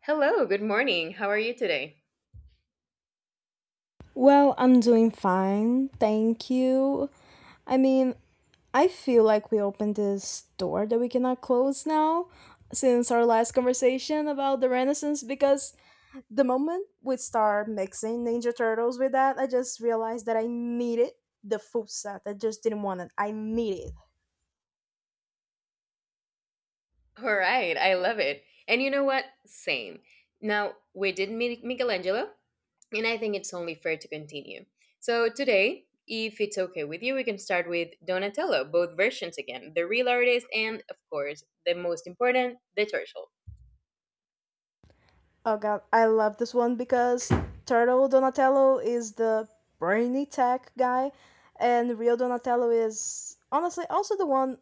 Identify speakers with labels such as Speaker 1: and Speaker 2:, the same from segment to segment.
Speaker 1: Hello, good morning. How are you today?
Speaker 2: Well, I'm doing fine, thank you. I mean, I feel like we opened this door that we cannot close now since our last conversation about the Renaissance because the moment we start mixing Ninja Turtles with that, I just realized that I needed the full set. I just didn't want it. I need it.
Speaker 1: All right, I love it. And you know what? Same. Now, we did Michelangelo, and I think it's only fair to continue. So, today, if it's okay with you, we can start with Donatello, both versions again, the real artist, and of course, the most important, the turtle.
Speaker 2: Oh god, I love this one because Turtle Donatello is the brainy tech guy and Rio Donatello is honestly also the one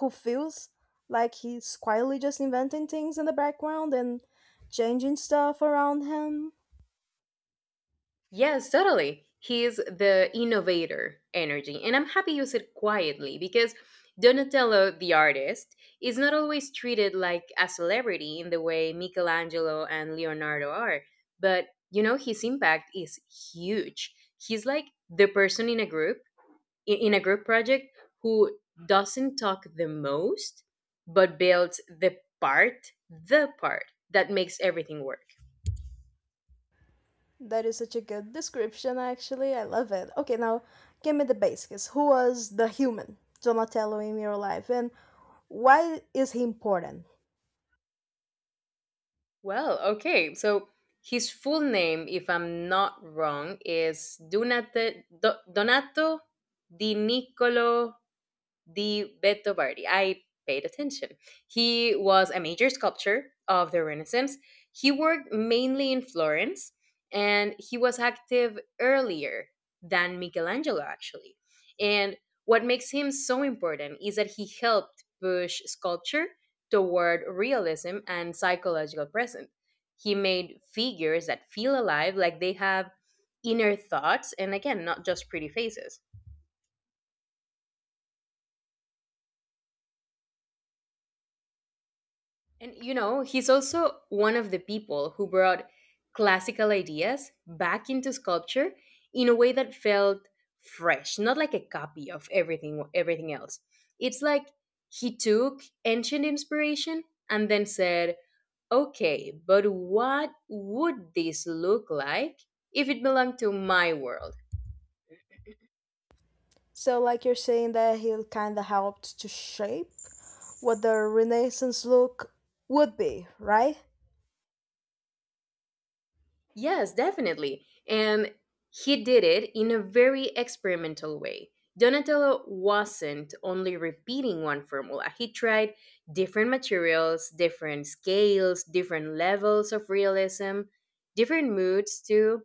Speaker 2: who feels like he's quietly just inventing things in the background and changing stuff around him.
Speaker 1: Yes, totally. He's the innovator energy. And I'm happy you said quietly because Donatello, the artist, is not always treated like a celebrity in the way Michelangelo and Leonardo are. But, you know, his impact is huge. He's like the person in a group, in a group project, who doesn't talk the most, but builds the part that makes everything work.
Speaker 2: That is such a good description, actually. I love it. Okay, now give me the basics. Who was the human Donatello in your life, and why is he important?
Speaker 1: Well, okay. So his full name, if I'm not wrong, is Donato Di Niccolo the Beto Bardi. I paid attention. He was a major sculptor of the Renaissance. He worked mainly in Florence, and he was active earlier than Michelangelo, actually. And what makes him so important is that he helped push sculpture toward realism and psychological presence. He made figures that feel alive, like they have inner thoughts, and again, not just pretty faces. And you know, he's also one of the people who brought classical ideas back into sculpture in a way that felt fresh, not like a copy of everything else. It's like he took ancient inspiration and then said, "Okay, but what would this look like if it belonged to my world?"
Speaker 2: So, like you're saying that he kind of helped to shape what the Renaissance look would be, right?
Speaker 1: Yes, definitely. And he did it in a very experimental way. Donatello wasn't only repeating one formula, he tried different materials, different scales, different levels of realism, different moods too.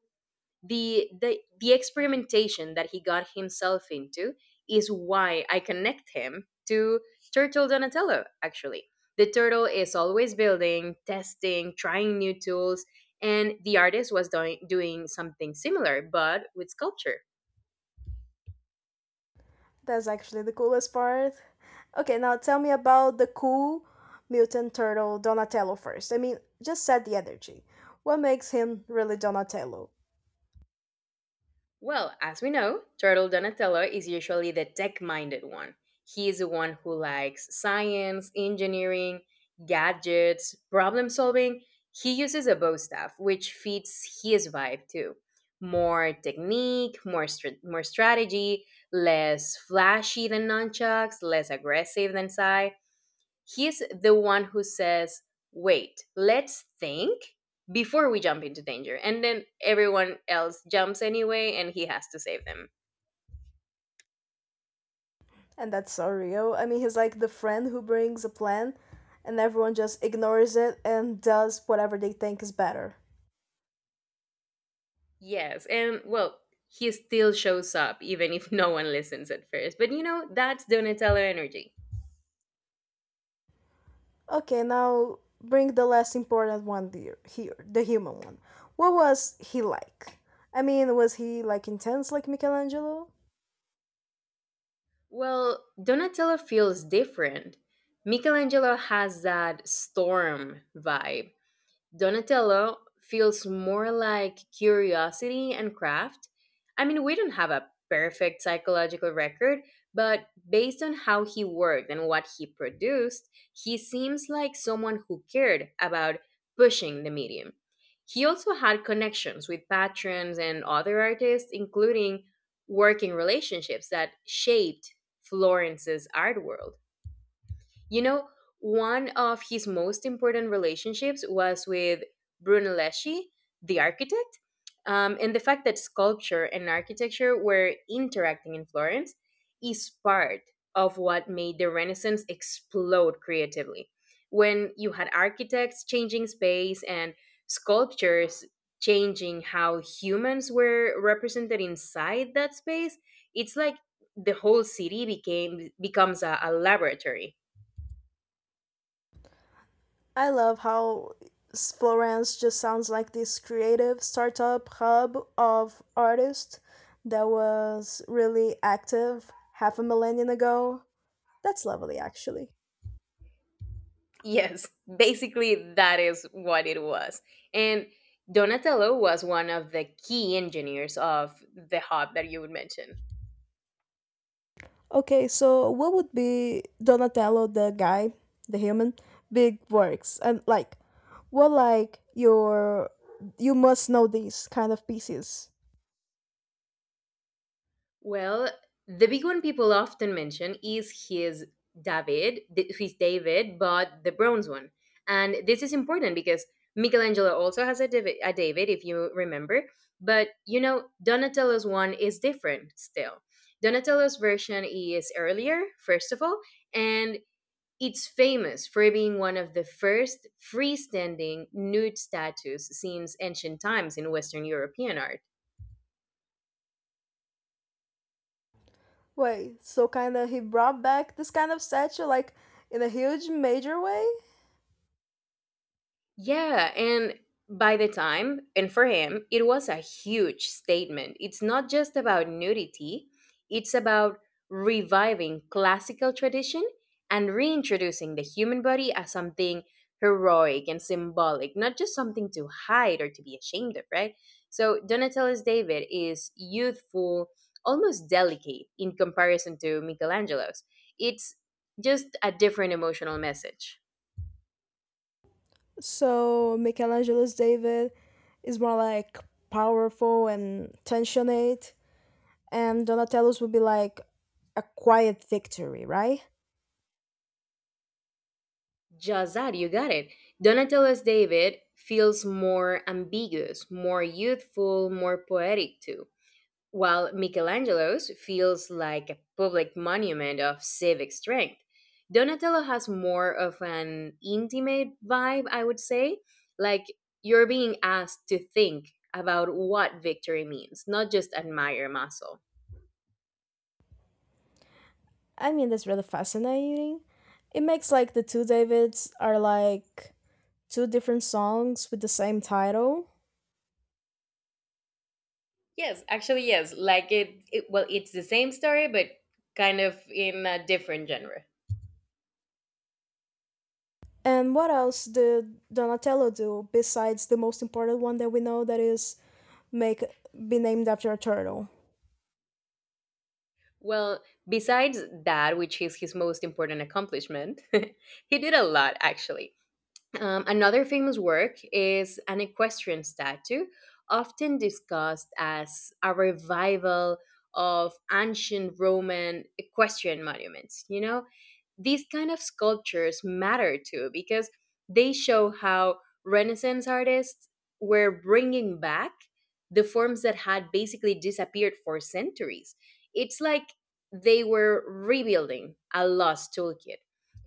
Speaker 1: The experimentation that he got himself into is why I connect him to Turtle Donatello, actually. The turtle is always building, testing, trying new tools, and the artist was doing something similar but with sculpture.
Speaker 2: That's actually the coolest part. Okay, now tell me about the cool mutant turtle Donatello first. I mean, just set the energy. What makes him really Donatello?
Speaker 1: Well, as we know, Turtle Donatello is usually the tech minded one. He is the one who likes science, engineering, gadgets, problem solving. He uses a bow staff, which fits his vibe too. More technique, more, more strategy, less flashy than nunchucks, less aggressive than Psy. He's the one who says, wait, let's think before we jump into danger. And then everyone else jumps anyway and he has to save them.
Speaker 2: And that's so real. I mean, he's like the friend who brings a plan and everyone just ignores it and does whatever they think is better.
Speaker 1: Yes. And well, he still shows up even if no one listens at first. But you know, that's Donatello energy.
Speaker 2: Okay, now bring the less important one here, here the human one. What was he like? I mean, was he like intense like Michelangelo?
Speaker 1: Well, Donatello feels different. Michelangelo has that storm vibe. Donatello feels more like curiosity and craft. I mean, we don't have a perfect psychological record, but based on how he worked and what he produced, he seems like someone who cared about pushing the medium. He also had connections with patrons and other artists, including working relationships that shaped Florence's art world. You know, one of his most important relationships was with Brunelleschi, the architect, and the fact that sculpture and architecture were interacting in Florence is part of what made the Renaissance explode creatively. When you had architects changing space and sculptures changing how humans were represented inside that space, it's like the whole city became becomes a laboratory.
Speaker 2: I love how Florence just sounds like this creative startup hub of artists that was really active half a millennium ago. That's lovely, actually.
Speaker 1: Yes, basically that is what it was. And Donatello was one of the key engineers of the hub that you would mention.
Speaker 2: Okay, so what would be Donatello, the guy, the human, big works? And like, what like your, you must know these kind of pieces.
Speaker 1: Well, the big one people often mention is his David, his David, but the bronze one. And this is important because Michelangelo also has a David if you remember, but you know Donatello's one is different still. Donatello's version is earlier, first of all, and it's famous for being one of the first freestanding nude statues since ancient times in Western European art.
Speaker 2: Wait, so kind of he brought back this kind of statue like in a huge major way?
Speaker 1: Yeah, and by the time, and for him, it was a huge statement. It's not just about nudity, it's about reviving classical tradition and reintroducing the human body as something heroic and symbolic, not just something to hide or to be ashamed of, right? So Donatello's David is youthful, almost delicate in comparison to Michelangelo's. It's just a different emotional message.
Speaker 2: So Michelangelo's David is more like powerful and tensionate, and Donatello's would be like a quiet victory, right?
Speaker 1: Just that, you got it. Donatello's David feels more ambiguous, more youthful, more poetic too, while Michelangelo's feels like a public monument of civic strength. Donatello has more of an intimate vibe, I would say, like you're being asked to think about what victory means, not just admire muscle.
Speaker 2: I mean, that's really fascinating. It makes like the two Davids are like two different songs with the same title.
Speaker 1: Yes, actually, yes. Like it well, it's the same story, but kind of in a different genre.
Speaker 2: And what else did Donatello do besides the most important one that we know that is make be named after a turtle?
Speaker 1: Well, besides that, which is his most important accomplishment, he did a lot actually. Another famous work is an equestrian statue, often discussed as a revival of ancient Roman equestrian monuments. You know, these kind of sculptures matter too because they show how Renaissance artists were bringing back the forms that had basically disappeared for centuries. It's like they were rebuilding a lost toolkit.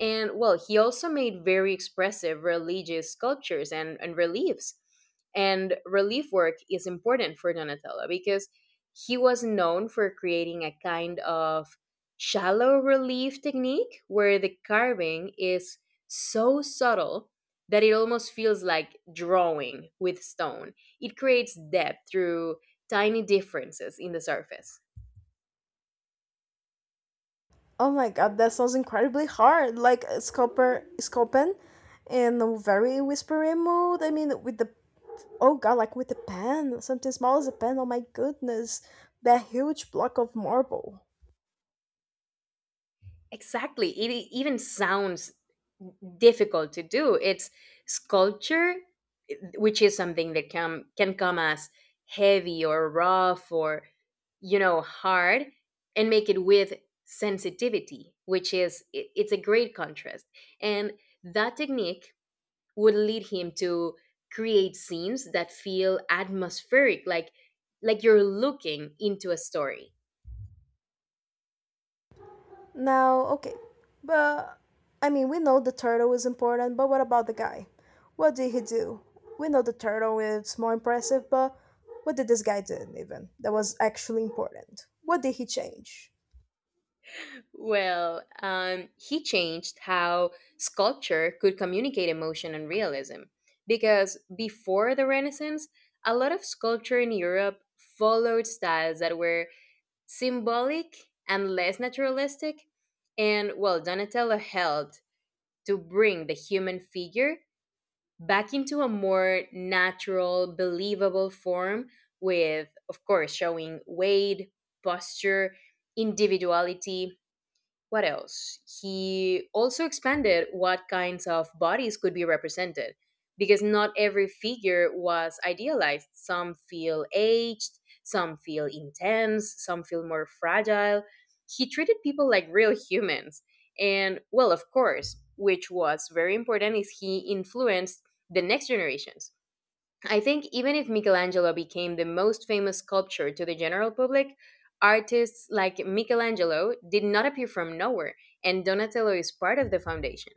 Speaker 1: And well, he also made very expressive religious sculptures and reliefs. And relief work is important for Donatello because he was known for creating a kind of shallow relief technique where the carving is so subtle that it almost feels like drawing with stone. It creates depth through tiny differences in the surface.
Speaker 2: Oh my god, that sounds incredibly hard. Like a sculper, sculpin in a very whispery mood. I mean, with the oh god, like with a pen, something small as a pen. Oh my goodness, that huge block of marble.
Speaker 1: Exactly. It even sounds difficult to do. It's sculpture, which is something that can come as heavy or rough or hard, and make it with sensitivity, it's a great contrast. And that technique would lead him to create scenes that feel atmospheric, like you're looking into a story.
Speaker 2: Now, okay, but I mean, we know the turtle is important, but what about the guy? What did he do? We know the turtle is more impressive, but what did this guy do even that was actually important? What did he change?
Speaker 1: Well, he changed how sculpture could communicate emotion and realism. Because before the Renaissance, a lot of sculpture in Europe followed styles that were symbolic and less naturalistic. And, well, Donatello helped to bring the human figure back into a more natural, believable form, with, of course, showing weight, posture, individuality. What else? He also expanded what kinds of bodies could be represented because not every figure was idealized. Some feel aged, some feel intense, some feel more fragile. He treated people like real humans. And, well, of course, which was very important, is he influenced the next generations. I think even if Michelangelo became the most famous sculptor to the general public, artists like Michelangelo did not appear from nowhere, and Donatello is part of the foundation.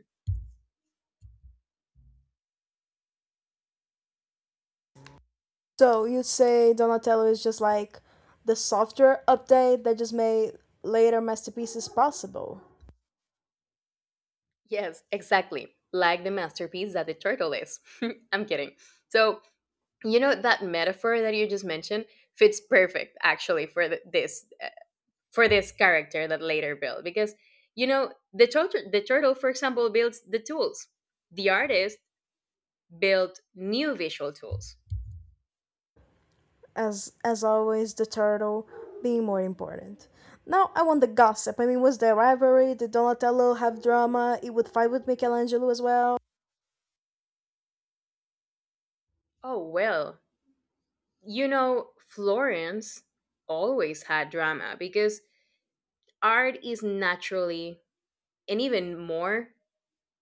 Speaker 2: So you say Donatello is just like the software update that just made later masterpieces possible.
Speaker 1: Yes, exactly. Like the masterpiece that the turtle is. I'm kidding. So, you know that metaphor that you just mentioned fits perfect actually for th- this for this character that later built because you know the turtle for example builds the tools. The artist built new visual tools.
Speaker 2: As always, the turtle being more important. Now I want the gossip. I mean, was there rivalry? Did Donatello have drama? He would fight with Michelangelo as well.
Speaker 1: Oh, well, you know, Florence always had drama because art is naturally, and even more,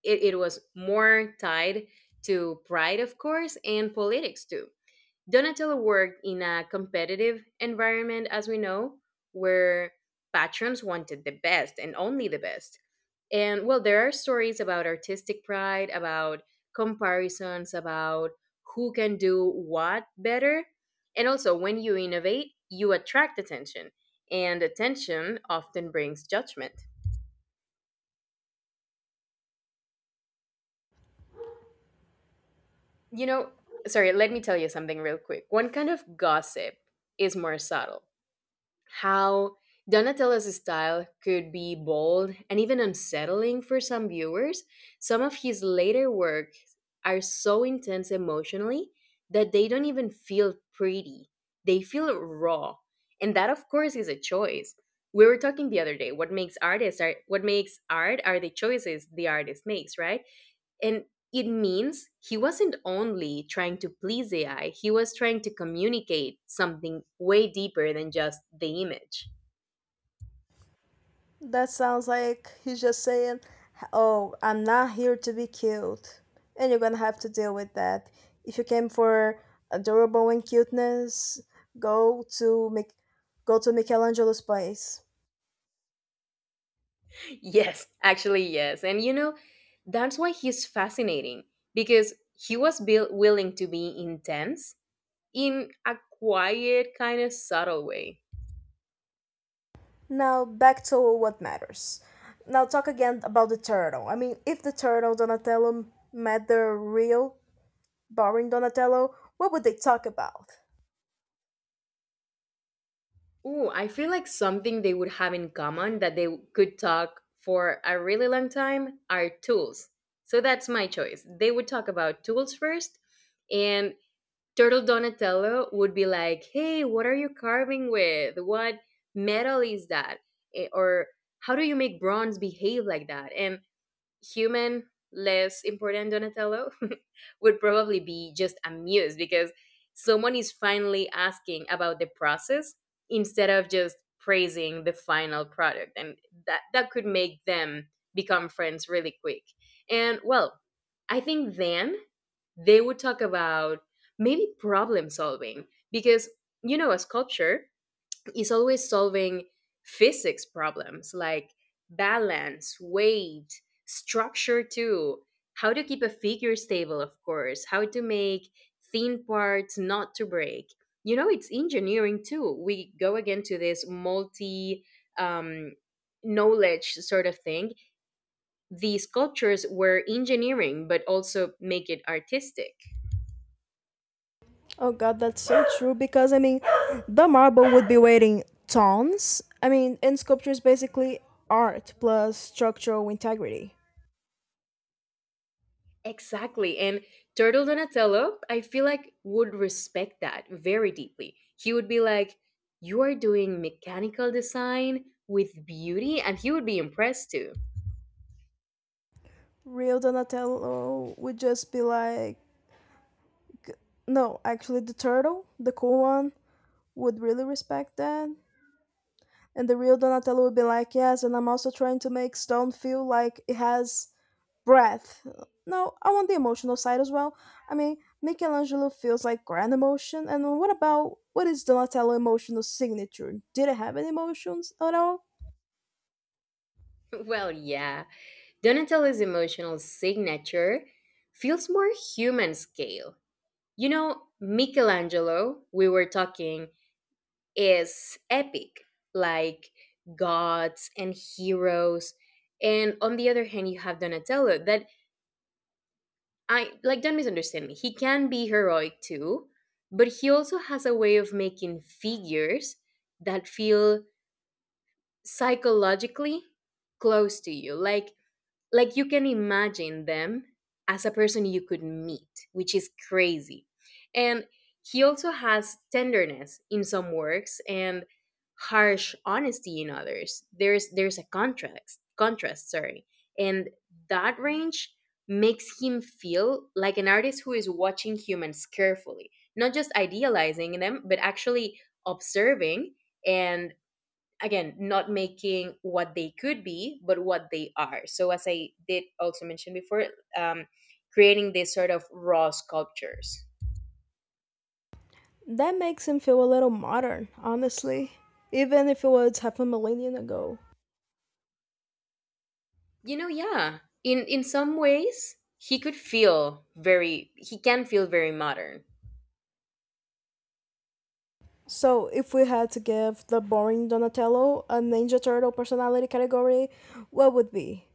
Speaker 1: it was more tied to pride, of course, and politics too. Donatello worked in a competitive environment, as we know, where patrons wanted the best and only the best. And well, there are stories about artistic pride, about comparisons, about who can do what better. And also, when you innovate, you attract attention, and attention often brings judgment. You know, Sorry, let me tell you something real quick. One kind of gossip is more subtle, how Donatello's style could be bold and even unsettling for some viewers. Some of his later works are so intense emotionally that they don't even feel pretty. They feel raw. And that of course is a choice. We were talking the other day, what makes artists are what makes art are the choices the artist makes, right? And it means he wasn't only trying to please AI, he was trying to communicate something way deeper than just the image.
Speaker 2: That sounds like he's just saying, oh, I'm not here to be cute, and you're gonna have to deal with that. If you came for adorable and cuteness, go to Mich- go to Michelangelo's place.
Speaker 1: Yes, actually, yes. And you know, that's why he's fascinating because he was built willing to be intense in a quiet, kind of subtle way.
Speaker 2: Now back to what matters. Now talk again about the turtle. I mean, if the turtle Donatello met the real, boring Donatello, what would they talk about?
Speaker 1: Ooh, I feel like something they would have in common that they could talk for a really long time are tools. So that's my choice. They would talk about tools first, and Turtle Donatello would be like, "Hey, what are you carving with? What metal is that? Or how do you make bronze behave like that?" And human less important Donatello would probably be just amused because someone is finally asking about the process instead of just praising the final product. And that could make them become friends really quick. And well, I think then they would talk about maybe problem solving because you know a sculpture is always solving physics problems like balance, weight, structure too, how to keep a figure stable, of course, how to make thin parts not to break. You know, it's engineering too. We go again to this multi um, knowledge sort of thing. The sculptures were engineering, but also make it artistic.
Speaker 2: Oh god, that's so true because I mean, the marble would be weighing tons. I mean, and sculpture is basically art plus structural integrity.
Speaker 1: Exactly. And Turtle Donatello, I feel like would respect that very deeply. He would be like, "You are doing mechanical design with beauty," and he would be impressed too.
Speaker 2: Real Donatello would just be like, no, actually, the turtle, the cool one, would really respect that. And the real Donatello would be like, yes, and I'm also trying to make stone feel like it has breath. No, I want the emotional side as well. I mean, Michelangelo feels like grand emotion, and what about what is Donatello' emotional signature? Did it have any emotions at all?
Speaker 1: Well, yeah. Donatello's emotional signature feels more human scale. You know, Michelangelo, we were talking, is epic, like gods and heroes. And on the other hand, you have Donatello that I don't misunderstand me. He can be heroic too, but he also has a way of making figures that feel psychologically close to you. Like you can imagine them as a person you could meet, which is crazy. And he also has tenderness in some works and harsh honesty in others. There's a contrast, sorry. And that range makes him feel like an artist who is watching humans carefully, not just idealizing them, but actually observing and again not making what they could be but what they are. So as I did also mention before, um, creating this sort of raw sculptures,
Speaker 2: That makes him feel a little modern, honestly, even if it was half a millennium ago.
Speaker 1: you know. Yeah, in some ways he could feel very he can feel very modern.
Speaker 2: So, if we had to give the boring Donatello a Ninja Turtle personality category, what would be?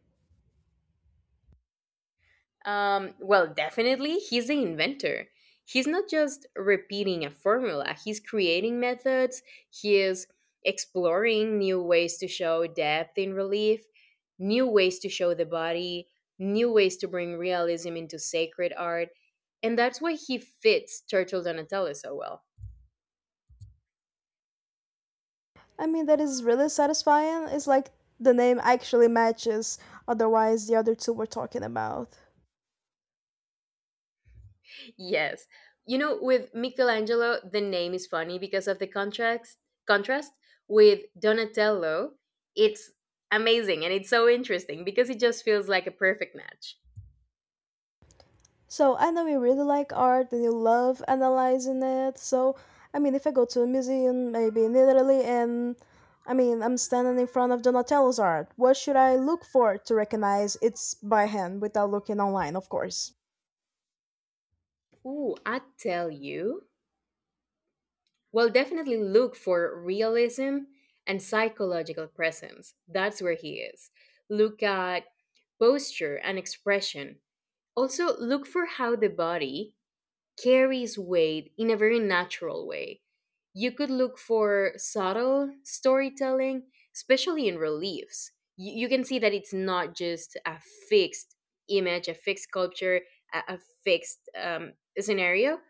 Speaker 1: Well, definitely, he's the inventor. He's not just repeating a formula, he's creating methods, he is exploring new ways to show depth in relief, new ways to show the body, new ways to bring realism into sacred art, and that's why he fits Turtle Donatello so well.
Speaker 2: I mean, that is really satisfying. It's like the name actually matches, otherwise, the other two we're talking about.
Speaker 1: Yes. You know, with Michelangelo, the name is funny because of the contrast with Donatello. It's amazing and it's so interesting because it just feels like a perfect match.
Speaker 2: So I know you really like art and you love analyzing it. So I mean, if I go to a museum, maybe in Italy, and I mean, I'm standing in front of Donatello's art, what should I look for to recognize it's by hand without looking online, of course?
Speaker 1: Ooh, I tell you. Well, definitely look for realism and psychological presence. That's where he is. Look at posture and expression. Also, look for how the body carries weight in a very natural way. You could look for subtle storytelling, especially in reliefs. You can see that it's not just a fixed image, a fixed culture, a fixed scenario.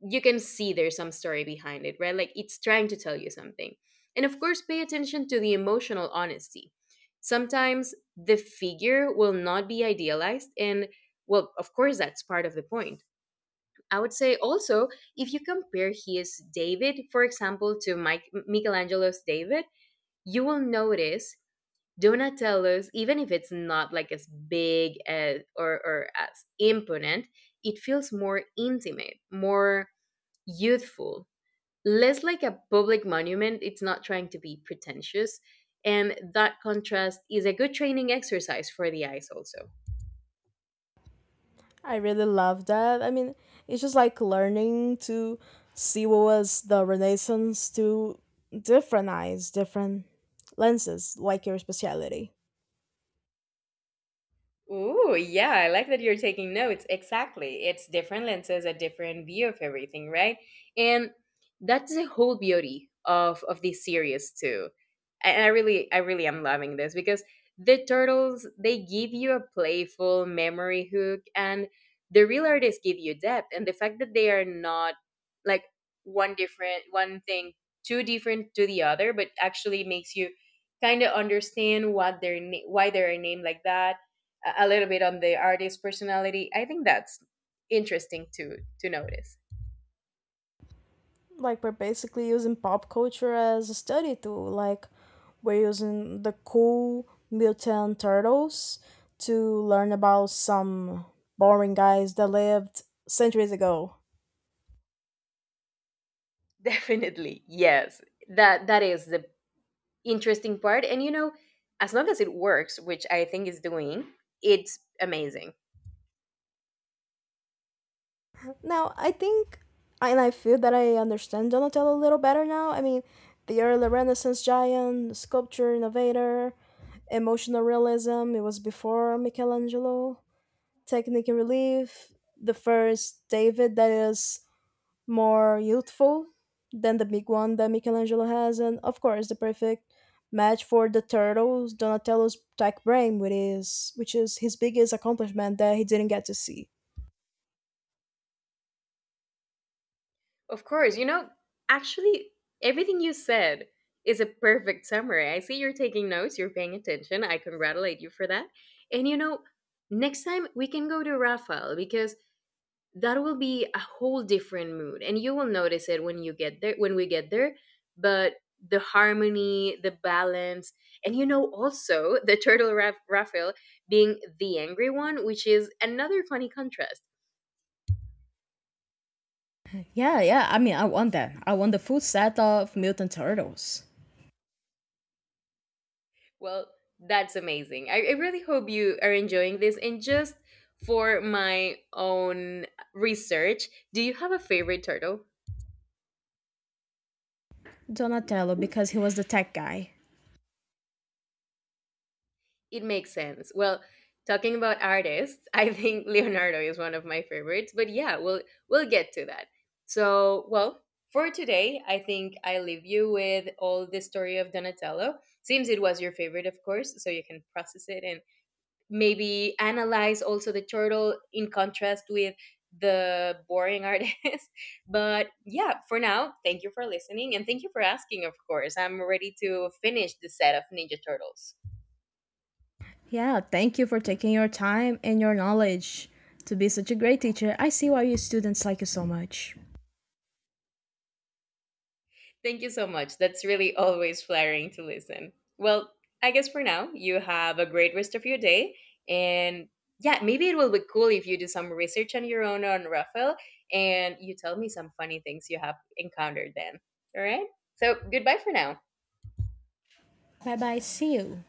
Speaker 1: You can see there's some story behind it, right? Like it's trying to tell you something. And of course, pay attention to the emotional honesty. Sometimes the figure will not be idealized, and well, of course, that's part of the point. I would say also, if you compare his David, for example, to Michelangelo's David, you will notice Donatello's, even if it's not like as big as, or as imponent, it feels more intimate, more youthful, less like a public monument. It's not trying to be pretentious. And that contrast is a good training exercise for the eyes, also.
Speaker 2: I really love that. I mean, it's just like learning to see what was the Renaissance to different eyes, different lenses, like your speciality.
Speaker 1: Ooh, yeah, I like that you're taking notes. Exactly. It's different lenses, a different view of everything, right? And that's the whole beauty of this series too. And I really am loving this because the turtles they give you a playful memory hook and the real artists give you depth, and the fact that they are not like one thing too different to the other but actually makes you kind of understand what their why they're named like that, a little bit on the artist's personality. I think that's interesting to notice.
Speaker 2: Like we're basically using pop culture as a study tool. Like we're using the cool mutant turtles to learn about some boring guys that lived centuries ago.
Speaker 1: Definitely yes, that is the interesting part, and you know, as long as it works, which I think is doing, it's amazing.
Speaker 2: Now, I think, and I feel that I understand Donatello a little better now. I mean, the early Renaissance giant, sculpture innovator, emotional realism, it was before Michelangelo, technique and relief, the first David that is more youthful than the big one that Michelangelo has, and of course, the perfect match for the turtles donatello's tech brain which is his biggest accomplishment that he didn't get to see.
Speaker 1: Of course, you know, actually everything you said is a perfect summary. I see you're taking notes, you're paying attention. I congratulate you for that. And you know, next time we can go to Rafael, because that will be a whole different mood and you will notice it when you get there when we get there. But the harmony, the balance, and you know also the turtle Raphael being the angry one, which is another funny contrast.
Speaker 2: Yeah, yeah. I mean, I want that. I want the full set of mutant turtles.
Speaker 1: Well, that's amazing. I really hope you are enjoying this, and just for my own research, do you have a favorite turtle?
Speaker 2: Donatello, because he was the tech guy.
Speaker 1: It makes sense. Well, talking about artists, I think Leonardo is one of my favorites, but yeah, we'll get to that. So, well, for today, I think I leave you with all the story of Donatello. Seems it was your favorite, of course, so you can process it and maybe analyze also the turtle in contrast with the boring artist. But yeah, for now, thank you for listening and thank you for asking, of course. I'm ready to finish the set of Ninja Turtles.
Speaker 2: Yeah, thank you for taking your time and your knowledge to be such a great teacher. I see why your students like you so much.
Speaker 1: Thank you so much. That's really always flattering to listen. Well, I guess for now, you have a great rest of your day. And yeah, maybe it will be cool if you do some research on your own on Rafael and you tell me some funny things you have encountered then. All right. So goodbye for now.
Speaker 2: Bye bye. See you.